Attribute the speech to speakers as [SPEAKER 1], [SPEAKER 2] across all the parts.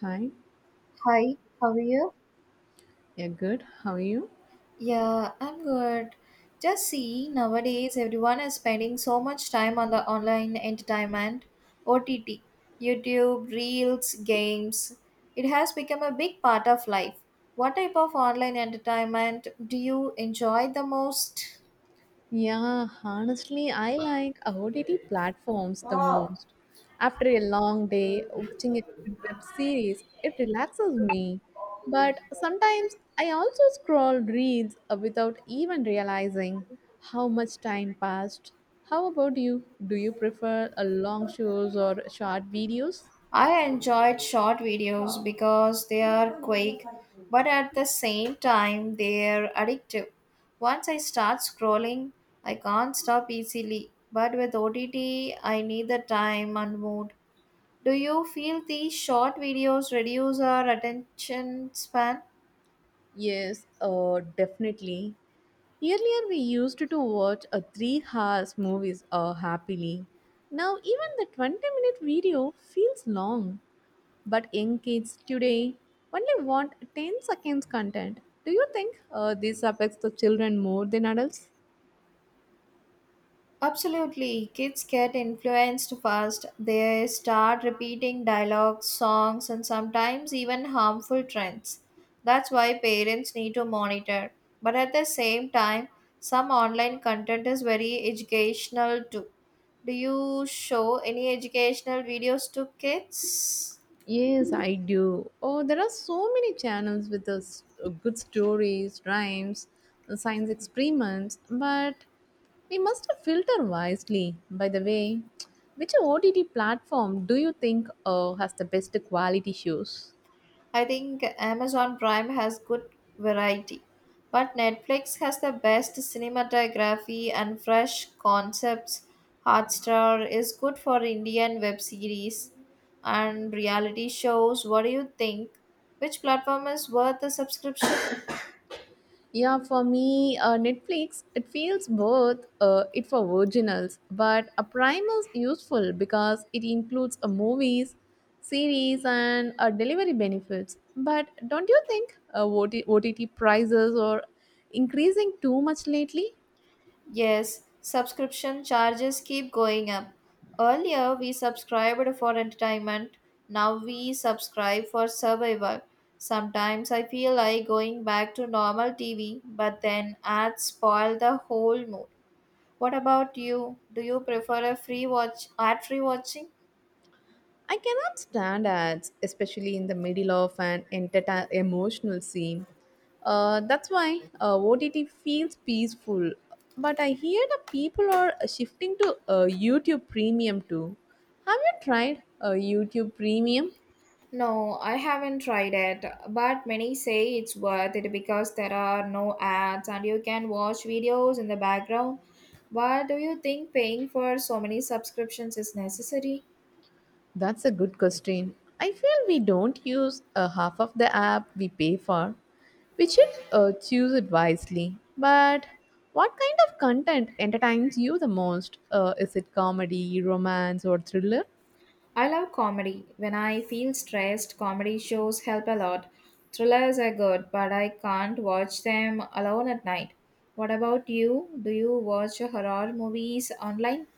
[SPEAKER 1] Hi,
[SPEAKER 2] Hi, how are you?
[SPEAKER 1] yeah, good. How are you?
[SPEAKER 2] Yeah, I'm good. Just see, nowadays everyone is spending so much time on the online entertainment, OTT, YouTube, Reels, games. It has become a big part of life. What type of online entertainment do you enjoy the most?
[SPEAKER 1] Yeah, honestly, I like OTT platforms the most. After a long day, watching a good web series, it relaxes me. But sometimes I also scroll reels without even realizing how much time passed. How about you? Do you prefer a long shows or short videos?
[SPEAKER 2] I enjoyed short videos because they are quick, but at the same time, they're addictive. Once I start scrolling, I can't stop easily. But with OTT, I need the time and mood. Do you feel these short videos reduce our attention span?
[SPEAKER 1] Yes, definitely. Earlier, we used to watch a 3 hours movies happily. Now, even the 20-minute video feels long. But young kids today only want 10 seconds content. Do you think this affects the children more than adults?
[SPEAKER 2] Absolutely. Kids get influenced fast. They start repeating dialogues, songs, and sometimes even harmful trends. That's why parents need to monitor. But at the same time, some online content is very educational too. Do you show any educational videos to kids?
[SPEAKER 1] Yes, I do. Oh, there are so many channels with us good stories, rhymes, science experiments, but we must filter wisely. By the way, which OTT platform do you think has the best quality shows?
[SPEAKER 2] I think Amazon Prime has good variety, but Netflix has the best cinematography and fresh concepts. Hotstar is good for Indian web series and reality shows. What do you think? Which platform is worth the subscription?
[SPEAKER 1] Yeah, for me, Netflix, it feels both it for originals, but a Prime is useful because it includes a movies, series, and delivery benefits. But don't you think OT- prices are increasing too much lately?
[SPEAKER 2] Yes, subscription charges keep going up. Earlier, we subscribed for entertainment. Now we subscribe for survival. Sometimes I feel like going back to normal TV, but then ads spoil the whole mood. What about you? Do you prefer a free watch ad free watching?
[SPEAKER 1] I cannot stand ads, especially in the middle of an entertain emotional scene. That's why OTT feels peaceful. But I hear the people are shifting to YouTube Premium too. Have you tried YouTube Premium?
[SPEAKER 2] No, I haven't tried it, but many say it's worth it because there are no ads and you can watch videos in the background. But do you think paying for so many subscriptions is necessary?
[SPEAKER 1] That's a good question. I feel we don't use a half of the app we pay for. We should choose it wisely. But what kind of content entertains you the most? Is it comedy, romance, or thriller?
[SPEAKER 2] I love comedy. When I feel stressed, comedy shows help a lot. Thrillers are good, but I can't watch them alone at night. What about you? Do you watch horror movies online?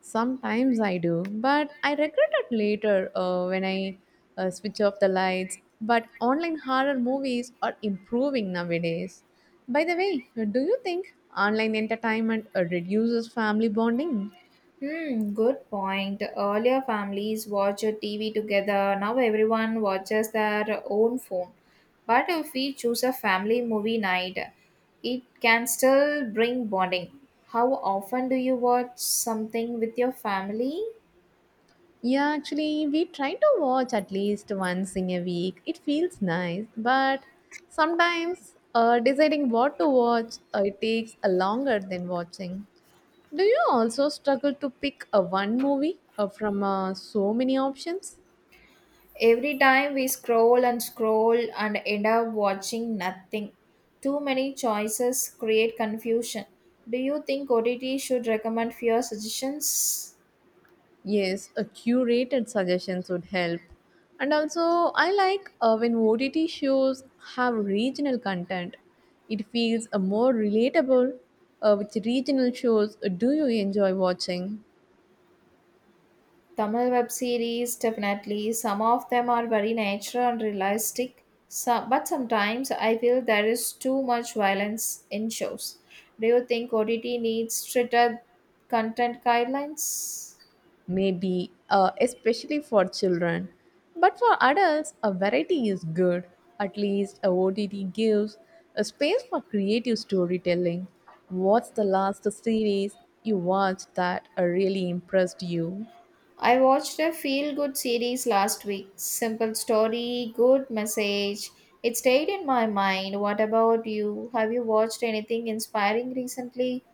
[SPEAKER 1] Sometimes I do, but I regret it later when I switch off the lights. But online horror movies are improving nowadays. By the way, do you think online entertainment reduces family bonding?
[SPEAKER 2] Hmm, good point. Earlier, families watch TV together. Now, everyone watches their own phone. But if we choose a family movie night, it can still bring bonding. How often do you watch something with your family?
[SPEAKER 1] Yeah, actually, we try to watch at least once in a week. It feels nice, but sometimes deciding what to watch it takes a longer than watching. Do you also struggle to pick a one movie from so many options?
[SPEAKER 2] Every time we scroll and scroll and end up watching nothing. Too many choices create confusion. Do you think OTT should recommend fewer suggestions?
[SPEAKER 1] Yes, a curated suggestions would help. And also, I like when OTT shows have regional content. It feels more relatable. Which regional shows do you enjoy watching?
[SPEAKER 2] Tamil web series, definitely. Some of them are very natural and realistic, some, but sometimes I feel there is too much violence in shows. Do you think OTT needs stricter content guidelines?
[SPEAKER 1] Maybe, especially for children. But for adults, a variety is good. At least a OTT gives a space for creative storytelling. What's the last series you watched that really impressed you?
[SPEAKER 2] I watched a feel good series last week. Simple story, good message. It stayed in my mind. What about you? Have you watched anything inspiring recently?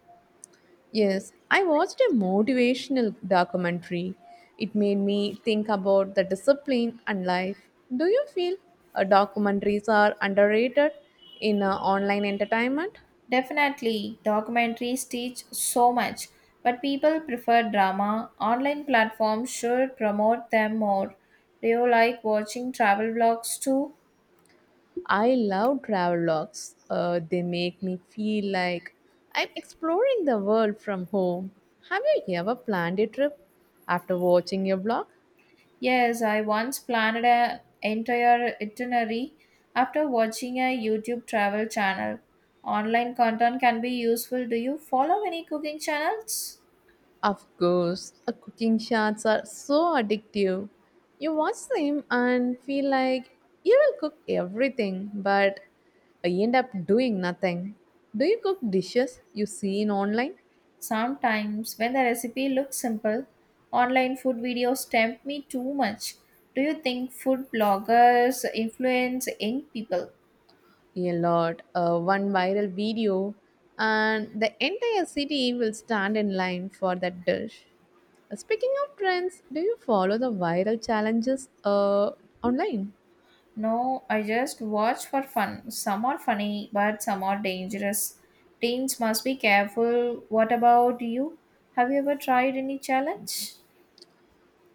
[SPEAKER 1] Yes, I watched a motivational documentary. It made me think about the discipline and life. Do you feel documentaries are underrated in online entertainment?
[SPEAKER 2] Definitely, documentaries teach so much, but people prefer drama. Online platforms should promote them more. Do you like watching travel vlogs too?
[SPEAKER 1] I love travelogues. They make me feel like I'm exploring the world from home. Have you ever planned a trip after watching your vlog?
[SPEAKER 2] Yes, I once planned an entire itinerary after watching a YouTube travel channel. Online content can be useful. Do you follow any cooking channels?
[SPEAKER 1] Of course, cooking shots are so addictive. You watch them and feel like you will cook everything, but you end up doing nothing. Do you cook dishes you see in online?
[SPEAKER 2] Sometimes, when the recipe looks simple, online food videos tempt me too much. Do you think food bloggers influence young people?
[SPEAKER 1] A lot. One viral video, and the entire city will stand in line for that dish. Speaking of trends, do you follow the viral challenges online?
[SPEAKER 2] No, I just watch for fun. Some are funny, but some are dangerous. Teens must be careful. What about you? Have you ever tried any challenge?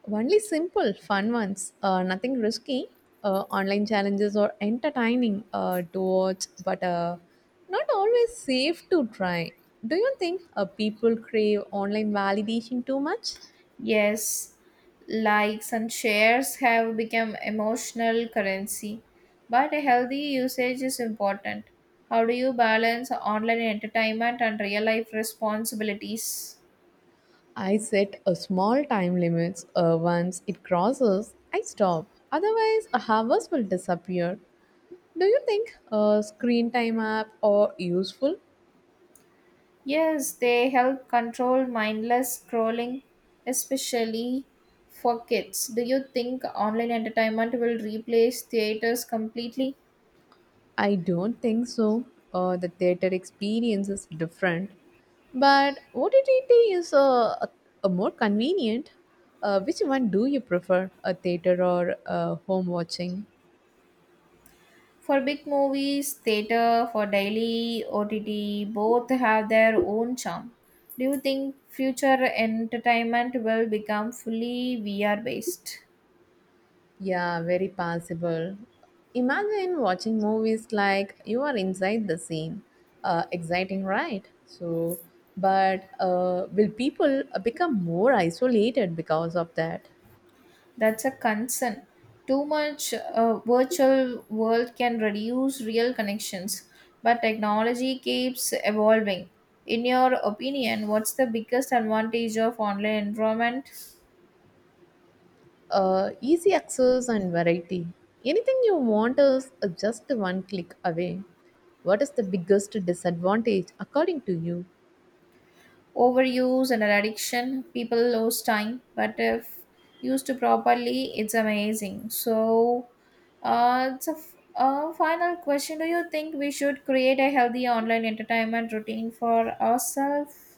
[SPEAKER 1] Only simple, fun ones, nothing risky. Online challenges are entertaining to watch, but not always safe to try. Do you think people crave online validation too much?
[SPEAKER 2] Yes, likes and shares have become emotional currency, but a healthy usage is important. How do you balance online entertainment and real life responsibilities?
[SPEAKER 1] I set a small time limits. Once it crosses, I stop. Otherwise, hours will disappear. Do you think a screen time app are useful?
[SPEAKER 2] Yes, they help control mindless scrolling, especially for kids. Do you think online entertainment will replace theaters completely?
[SPEAKER 1] I don't think so. The theater experience is different, but OTT is a, a more convenient. Which one do you prefer, a theater or home watching?
[SPEAKER 2] For big movies, theater, for daily OTT, both have their own charm. Do you think future entertainment will become fully VR based?
[SPEAKER 1] Yeah, very possible. Imagine watching movies like you are inside the scene. Exciting, right? But will people become more isolated because of that?
[SPEAKER 2] That's a concern. Too much virtual world can reduce real connections, but technology keeps evolving. In your opinion, what's the biggest advantage of online environment?
[SPEAKER 1] Easy access and variety. Anything you want is just one click away. What is the biggest disadvantage according to you?
[SPEAKER 2] Overuse and an addiction, people lose time, but if used to properly, it's amazing. So it's a final question, do you think we should create a healthy online entertainment routine for ourselves?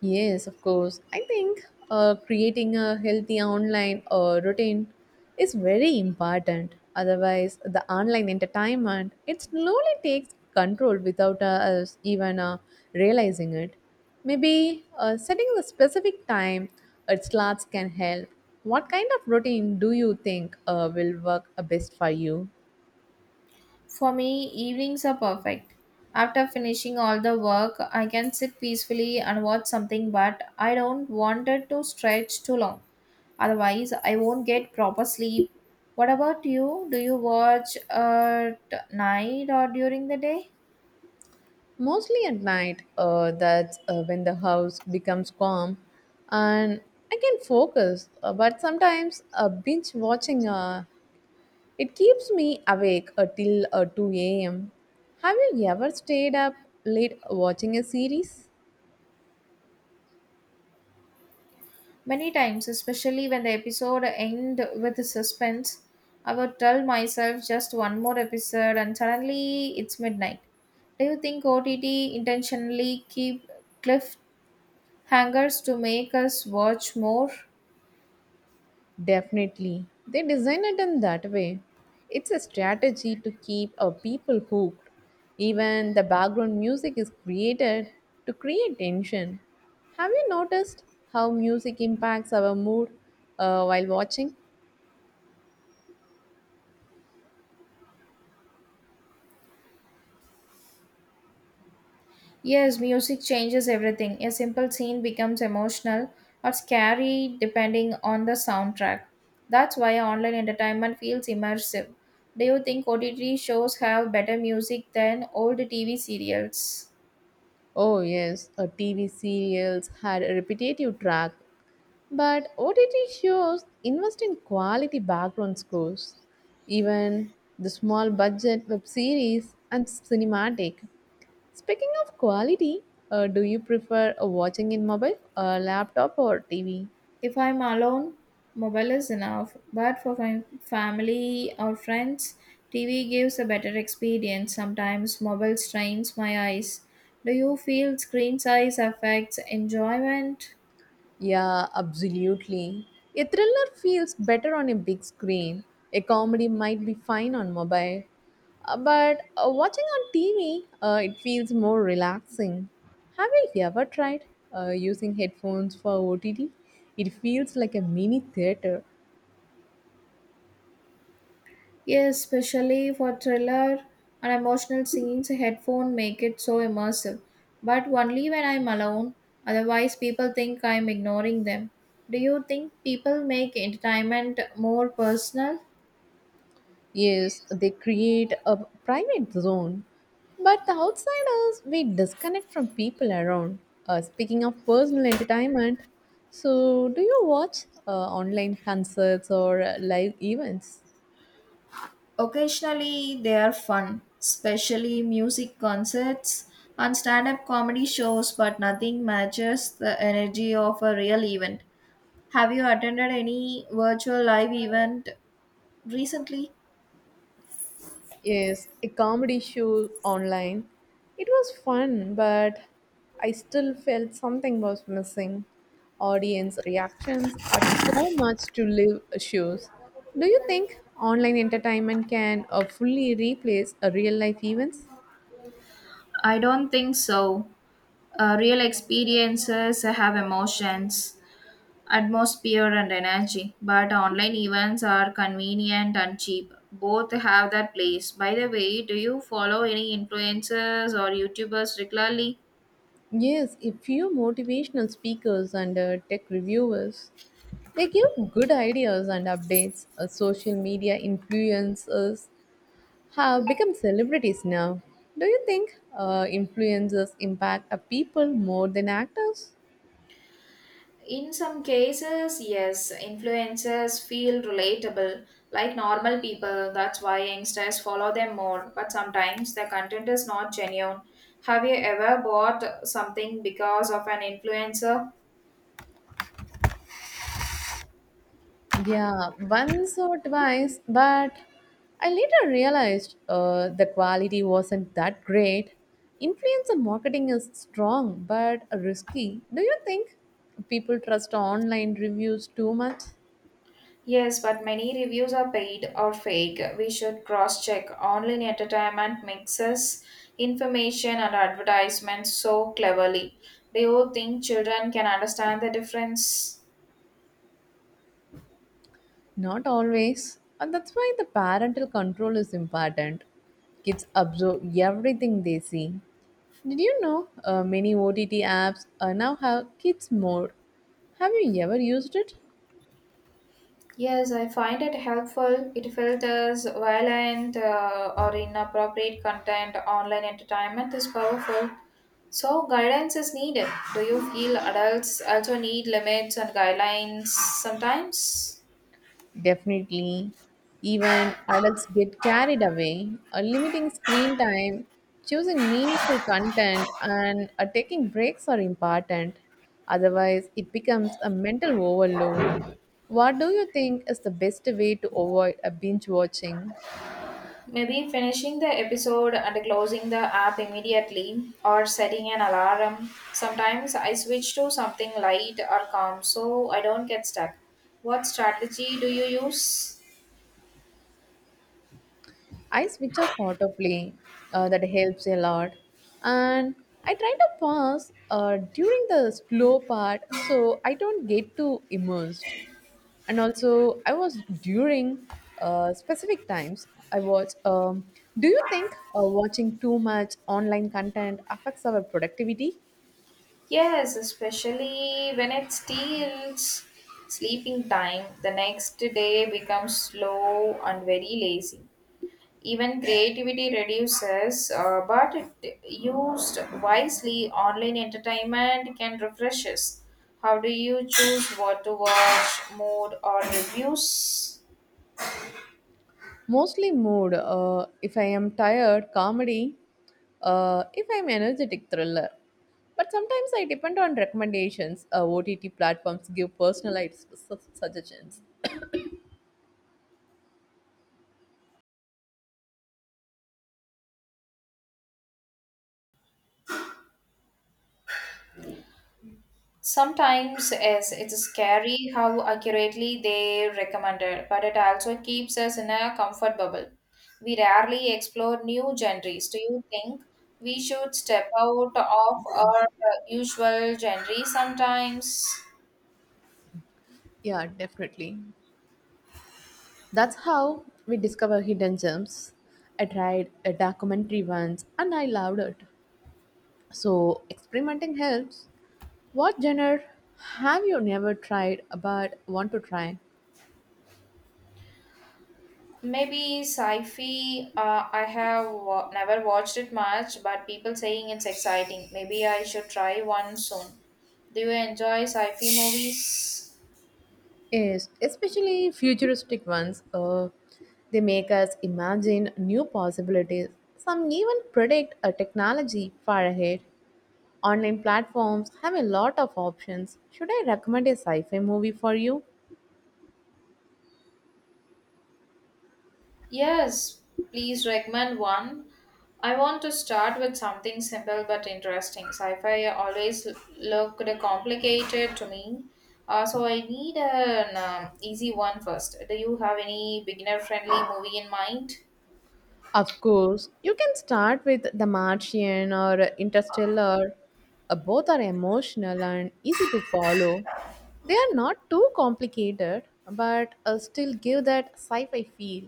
[SPEAKER 1] Yes, of course. I think creating a healthy online routine is very important. Otherwise, the online entertainment it slowly takes control without us even realizing it. Maybe setting the specific time it slots can help. What kind of routine do you think will work best for you?
[SPEAKER 2] For me, evenings are perfect. After finishing all the work, I can sit peacefully and watch something, but I don't want it to stretch too long. Otherwise, I won't get proper sleep. What about you? Do you watch at night or during the day?
[SPEAKER 1] Mostly at night, that's when the house becomes calm and I can focus. But sometimes binge watching it keeps me awake till 2 a.m. Have you ever stayed up late watching a series?
[SPEAKER 2] Many times, especially when the episode end with suspense, I would tell myself just one more episode and suddenly it's midnight. Do you think OTT intentionally keep cliffhangers to make us watch more?
[SPEAKER 1] Definitely. They design it in that way. It's a strategy to keep our people hooked. Even the background music is created to create tension. Have you noticed how music impacts our mood while watching?
[SPEAKER 2] Yes, music changes everything. A simple scene becomes emotional or scary depending on the soundtrack. That's why online entertainment feels immersive. Do you think OTT shows have better music than old TV serials?
[SPEAKER 1] Oh, yes, a TV serials had a repetitive track, but OTT shows invest in quality background scores. Even the small budget web series and cinematic. Speaking of quality, do you prefer watching in mobile, laptop, or TV?
[SPEAKER 2] If I'm alone, mobile is enough. But for my family or friends, TV gives a better experience. Sometimes mobile strains my eyes. Do you feel screen size affects enjoyment?
[SPEAKER 1] Yeah, absolutely. A thriller feels better on a big screen. A comedy might be fine on mobile. But Watching on TV, it feels more relaxing. Have you ever tried using headphones for OTT? It feels like a mini theater.
[SPEAKER 2] Yes, especially for thriller and emotional scenes, headphone make it so immersive. But only when I'm alone, otherwise people think I'm ignoring them. Do you think people make entertainment more personal?
[SPEAKER 1] Yes, they create a private zone, but the outsiders we disconnect from people around. Speaking of personal entertainment, so do you watch online concerts or live events?
[SPEAKER 2] Occasionally they are fun, especially music concerts and stand-up comedy shows, but nothing matches the energy of a real event. Have you attended any virtual live event recently?
[SPEAKER 1] Yes, a comedy show online. It was fun, but I still felt something was missing. Audience reactions had so much to live shows. Do you think online entertainment can fully replace real life events?
[SPEAKER 2] I don't think so. Real experiences have emotions, atmosphere, and energy, but online events are convenient and cheap. Both have their place. By the way, do you follow any influencers or YouTubers regularly?
[SPEAKER 1] Yes, a few motivational speakers and tech reviewers. They give good ideas and updates. Social media influencers have become celebrities now. Do you think influencers impact a people more than actors?
[SPEAKER 2] In some cases, yes, influencers feel relatable like normal people. That's why youngsters follow them more. But sometimes the content is not genuine. Have you ever bought something because of an influencer?
[SPEAKER 1] Yeah, once or twice, but I later realized the quality wasn't that great. Influencer marketing is strong but risky. Do you think people trust online reviews too much?
[SPEAKER 2] Yes, but many reviews are paid or fake. We should cross check. Online entertainment mixes information and advertisements so cleverly. Do you think children can understand the difference?
[SPEAKER 1] Not always. And that's why the parental control is important. Kids absorb everything they see. Did you know many OTT apps now have kids mode? Have you ever used it?
[SPEAKER 2] Yes, I find it helpful. It filters violent or inappropriate content. Online entertainment is powerful. So, guidance is needed. Do you feel adults also need limits and guidelines sometimes?
[SPEAKER 1] Definitely. Even adults get carried away, limiting screen time, choosing meaningful content, and taking breaks are important. Otherwise, it becomes a mental overload. What do you think is the best way to avoid a binge watching?
[SPEAKER 2] Maybe finishing the episode and closing the app immediately or setting an alarm. Sometimes I switch to something light or calm so I don't get stuck. What strategy do you use?
[SPEAKER 1] I switch off autoplay, that helps a lot. And I try to pause during the slow part so I don't get too immersed. And also I was during specific times I was Do you think watching too much online content affects our productivity?
[SPEAKER 2] Yes, especially when it steals sleeping time. The next day becomes slow and very lazy. Even creativity reduces, but it used wisely, online entertainment can refresh us. How do you choose what to watch, mode, or reviews?
[SPEAKER 1] Mostly mood. If I am tired, comedy. If I'm energetic, thriller. But sometimes I depend on recommendations. OTT platforms give personalized suggestions.
[SPEAKER 2] Sometimes yes, it's scary how accurately they recommended, but it also keeps us in a comfort bubble. We rarely explore new genres. Do you think we should step out of our usual genre sometimes?
[SPEAKER 1] Yeah, definitely. That's how we discover hidden gems. I tried a documentary once and I loved it. So, experimenting helps. What genre have you never tried but want to try?
[SPEAKER 2] Maybe sci-fi. I have never watched it much, but people saying it's exciting. Maybe I should try one soon. Do you enjoy sci-fi movies?
[SPEAKER 1] Yes, especially futuristic ones. They make us imagine new possibilities. Some even predict a technology far ahead. Online platforms have a lot of options. Should I recommend a sci fi movie for you?
[SPEAKER 2] Yes, please recommend one. I want to start with something simple but interesting. Sci-fi always looked complicated to me, so I need an easy one first. Do you have any beginner-friendly movie in mind?
[SPEAKER 1] Of course, you can start with The Martian or Interstellar. Both are emotional and easy to follow. They are not too complicated, but still give that sci fi feel.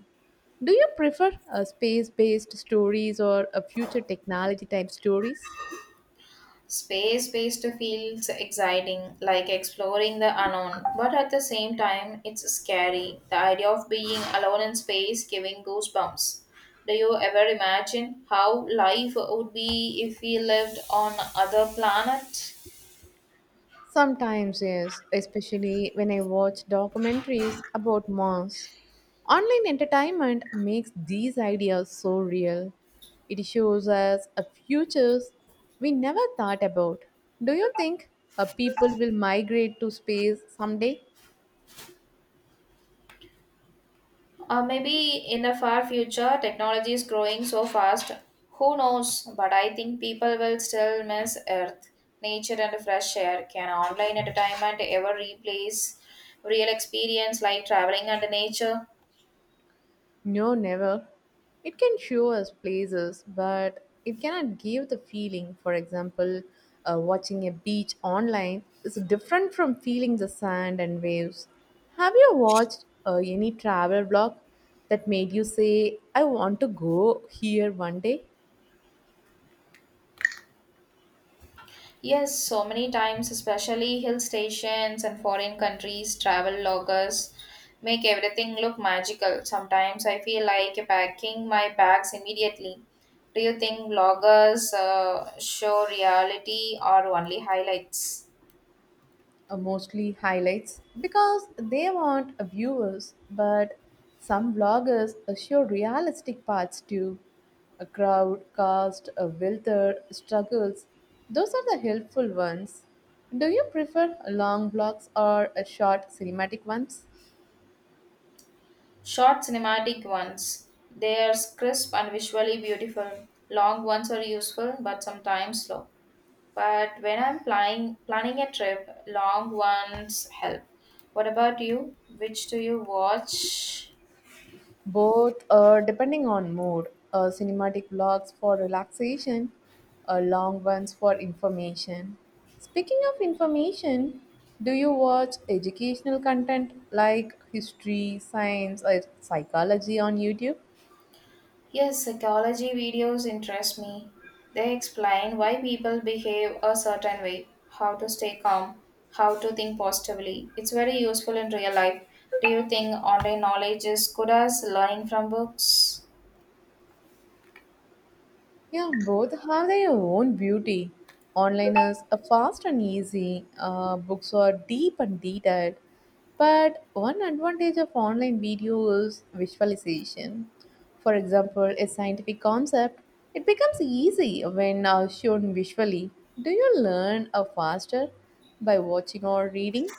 [SPEAKER 1] Do you prefer space based stories or future technology type stories?
[SPEAKER 2] Space based feels exciting, like exploring the unknown, but at the same time, it's scary. The idea of being alone in space giving goosebumps. Do you ever imagine how life would be if we lived on other planet?
[SPEAKER 1] Sometimes, yes, especially when I watch documentaries about Mars. Online entertainment makes these ideas so real. It shows us a futures we never thought about. Do you think people will migrate to space someday?
[SPEAKER 2] Maybe in the far future, technology is growing so fast. Who knows? But I think people will still miss Earth, nature, and fresh air. Can online entertainment ever replace real experience like traveling and nature?
[SPEAKER 1] No, never. It can show us places, but it cannot give the feeling. For example, watching a beach online is different from feeling the sand and waves. Have you watched any travel blog that made you say, I want to go here one day?
[SPEAKER 2] Yes, so many times, especially hill stations and foreign countries, travel loggers make everything look magical. Sometimes I feel like packing my bags immediately. Do you think bloggers show reality or only highlights?
[SPEAKER 1] Mostly highlights because they want viewers, but some vloggers show realistic parts too. A crowd, cast, a welter, struggles. Those are the helpful ones. Do you prefer long vlogs or short cinematic ones?
[SPEAKER 2] Short cinematic ones. They are crisp and visually beautiful. Long ones are useful but sometimes slow. But when I'm planning a trip, long ones help. What about you? Which do you watch?
[SPEAKER 1] Both, depending on mood, cinematic vlogs for relaxation, long ones for information. Speaking of information, do you watch educational content like history, science, or psychology on YouTube?
[SPEAKER 2] Yes, psychology videos interest me. They explain why people behave a certain way, how to stay calm, how to think positively. It's very useful in real life. Do you think online knowledge is good as learning from books?
[SPEAKER 1] Yeah, both have their own beauty. Onliners are fast and easy, books are deep and detailed. But one advantage of online video is visualization. For example, a scientific concept, it becomes easy when shown visually. Do you learn faster by watching or reading?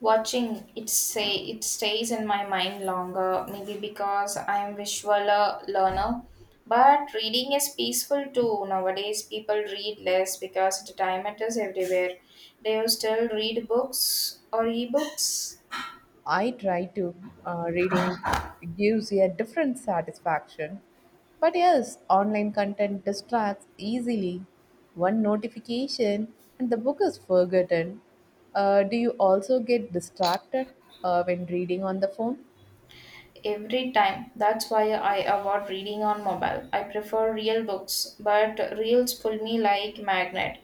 [SPEAKER 2] Watching it say it stays in my mind longer, maybe because I am visual learner. But reading is peaceful too. Nowadays, people read less because entertainment is everywhere. They will still read books or ebooks
[SPEAKER 1] I try to Reading gives a different satisfaction. But yes, online content distracts easily. One notification and the book is forgotten. Do you also get distracted when reading on the phone?
[SPEAKER 2] every time. That's why I avoid reading on mobile. I prefer real books, but reels pull me like magnet.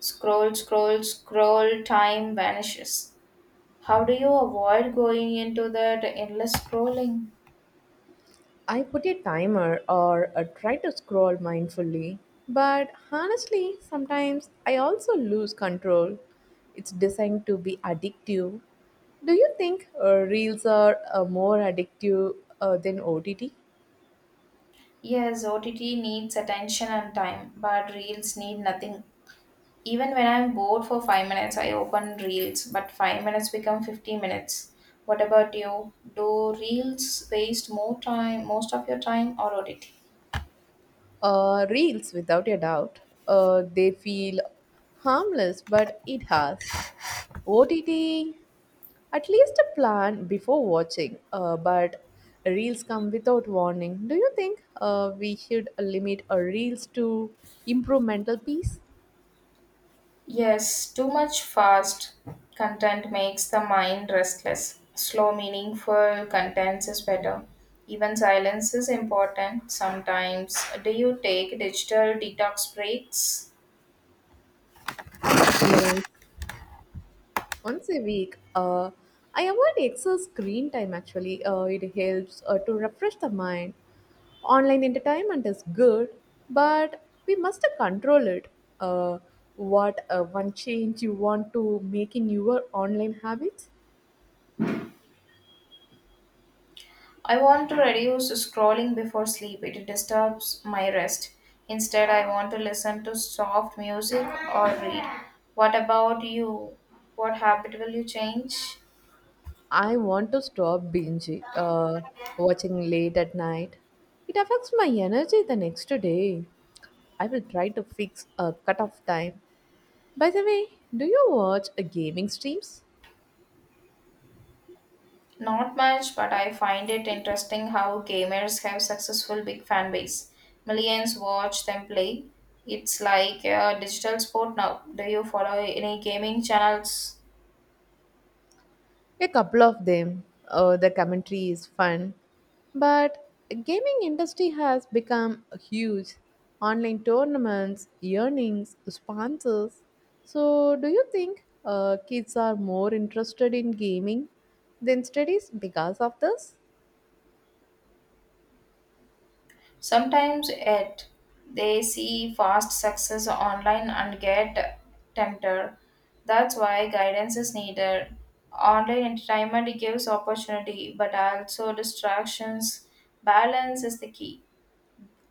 [SPEAKER 2] Scroll, scroll, scroll. Time vanishes. How do you avoid going into that endless scrolling?
[SPEAKER 1] I put a timer or try to scroll mindfully, but honestly, sometimes I also lose control. It's designed to be addictive. Do you think reels are more addictive than OTT?
[SPEAKER 2] Yes, OTT needs attention and time, but Reels need nothing. Even when I'm bored for 5 minutes, I open Reels, but 5 minutes become 50 minutes. What about you? Do Reels waste more time, most of your time, or OTT?
[SPEAKER 1] Reels, without a doubt, they feel harmless, but it has. OTT at least a plan before watching, but reels come without warning. Do you think we should limit our reels to improve mental peace?
[SPEAKER 2] Yes, too much fast content makes the mind restless. Slow, meaningful contents is better. Even silence is important sometimes. Do you take digital detox breaks?
[SPEAKER 1] Yes. Once a week, I avoid excess screen time actually. It helps to refresh the mind. Online entertainment is good, but we must control it. Uh, what one change you want to make in your online habits?
[SPEAKER 2] I want to reduce scrolling before sleep. It disturbs my rest. Instead, I want to listen to soft music or read. What about you? What habit will you change?
[SPEAKER 1] I want to stop binge uh, watching late at night. It affects my energy the next day. I will try to fix a cutoff time. By the way, do you watch gaming streams?
[SPEAKER 2] Not much, but I find it interesting how gamers have successful big fan base. Millions watch them play. It's like a digital sport now. Do you follow any gaming channels?
[SPEAKER 1] A couple of them. The commentary is fun, but gaming industry has become huge. Online tournaments, earnings, sponsors. So, do you think kids are more interested in gaming than studies because of this?
[SPEAKER 2] Sometimes it, they see fast success online and get tempted. That's why guidance is needed. Online entertainment gives opportunity, but also distractions. Balance is the key.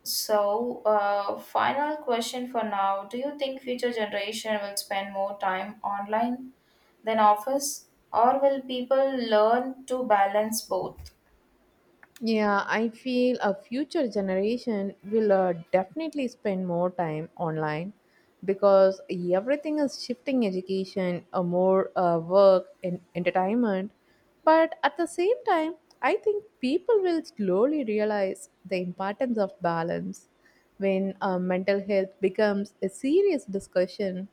[SPEAKER 2] So, final question for now. Do you think future generation will spend more time online than office, or will people learn to balance both?
[SPEAKER 1] Yeah, I feel a future generation will definitely spend more time online because everything is shifting education, more work and entertainment. But at the same time, I think people will slowly realize the importance of balance when mental health becomes a serious discussion.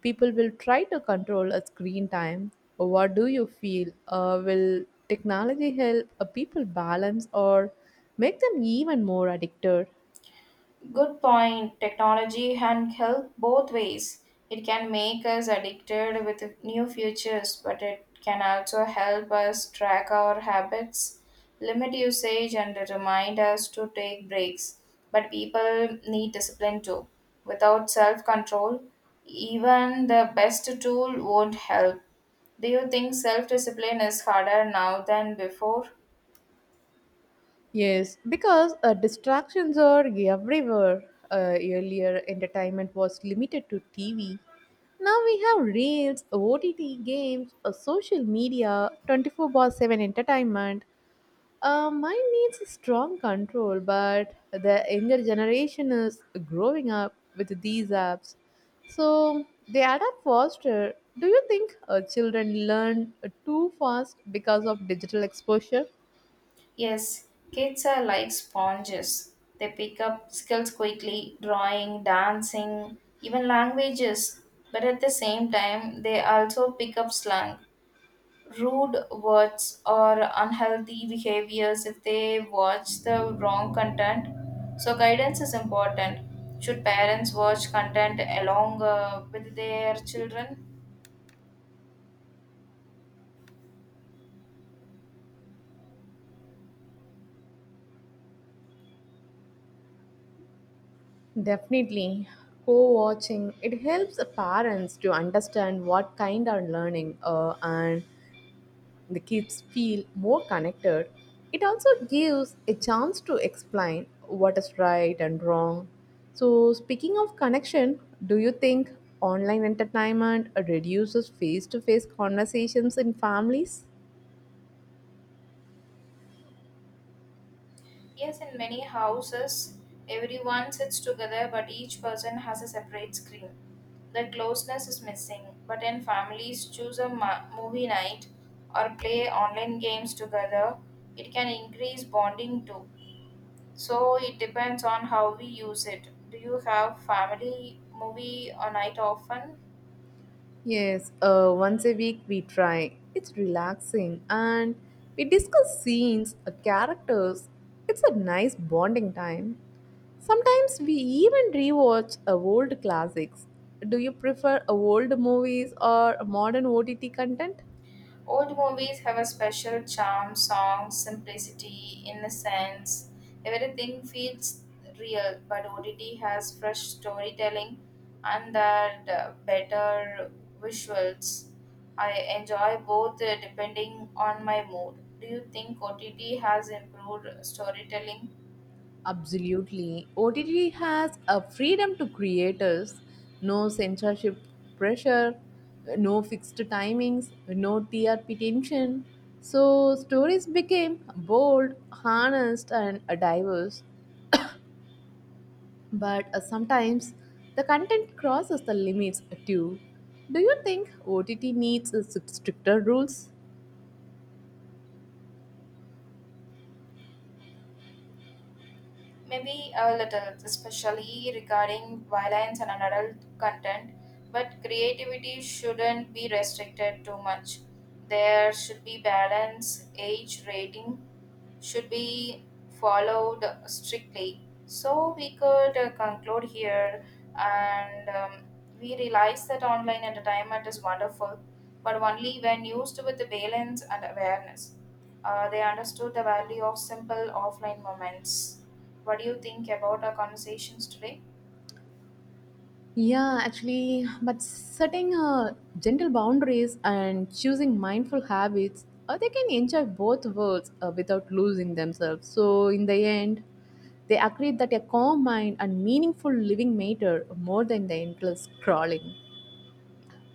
[SPEAKER 1] People will try to control a screen time. What do you feel? Will technology help people balance or make them even more addicted?
[SPEAKER 2] Good point. Technology and health both ways. It can make us addicted with new futures, but it can also help us track our habits, limit usage, and remind us to take breaks. But people need discipline too. Without self control, even the best tool won't help. Do you think self discipline is harder now than before?
[SPEAKER 1] Yes, because distractions are everywhere. Earlier, entertainment was limited to TV. Now we have reels, OTT games, social media, 24 bar 7 entertainment. Mine needs a strong control, but the younger generation is growing up with these apps, so they adapt faster. Do you think children learn too fast because of digital exposure?
[SPEAKER 2] Yes, kids are like sponges. They pick up skills quickly, drawing, dancing, even languages. But at the same time, they also pick up slang, rude words, or unhealthy behaviors if they watch the wrong content. So, guidance is important. Should parents watch content along with their children?
[SPEAKER 1] Definitely. Co watching, it helps parents to understand what kind are learning and the kids feel more connected. It also gives a chance to explain what is right and wrong. So, speaking of connection, do you think online entertainment reduces face to face conversations in families?
[SPEAKER 2] Yes, in many houses, everyone sits together, but each person has a separate screen. The closeness is missing. But in families, choose a movie night or play online games together. It can increase bonding too. So it depends on how we use it. Do you have family movie or night often?
[SPEAKER 1] Yes, once a week we try. It's relaxing and we discuss scenes, characters. It's a nice bonding time. Sometimes we even rewatch old classics. Do you prefer old movies or modern OTT content?
[SPEAKER 2] Old movies have a special charm, songs, simplicity, innocence. Everything feels real, but ODD has fresh storytelling and that better visuals. I enjoy both depending on my mood. Do you think OTT has improved storytelling?
[SPEAKER 1] Absolutely. OTT has a freedom to creators, no censorship pressure, no fixed timings, no TRP tension. So stories became bold, honest, and diverse. But sometimes the content crosses the limits too. Do you think OTT needs stricter rules?
[SPEAKER 2] Maybe a little, especially regarding violence and adult content, but creativity shouldn't be restricted too much. There should be balance, age rating should be followed strictly. So we could conclude here, and we realize that online entertainment is wonderful, but only when used with the balance and awareness. They understood the value of simple offline moments. What do you think about our conversations today?
[SPEAKER 1] Yeah, actually, but setting gentle boundaries and choosing mindful habits, they can enjoy both worlds without losing themselves. So, in the end, they agreed that a calm mind and meaningful living matter more than the endless scrolling.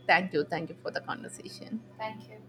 [SPEAKER 1] Thank you for the conversation.
[SPEAKER 2] Thank you.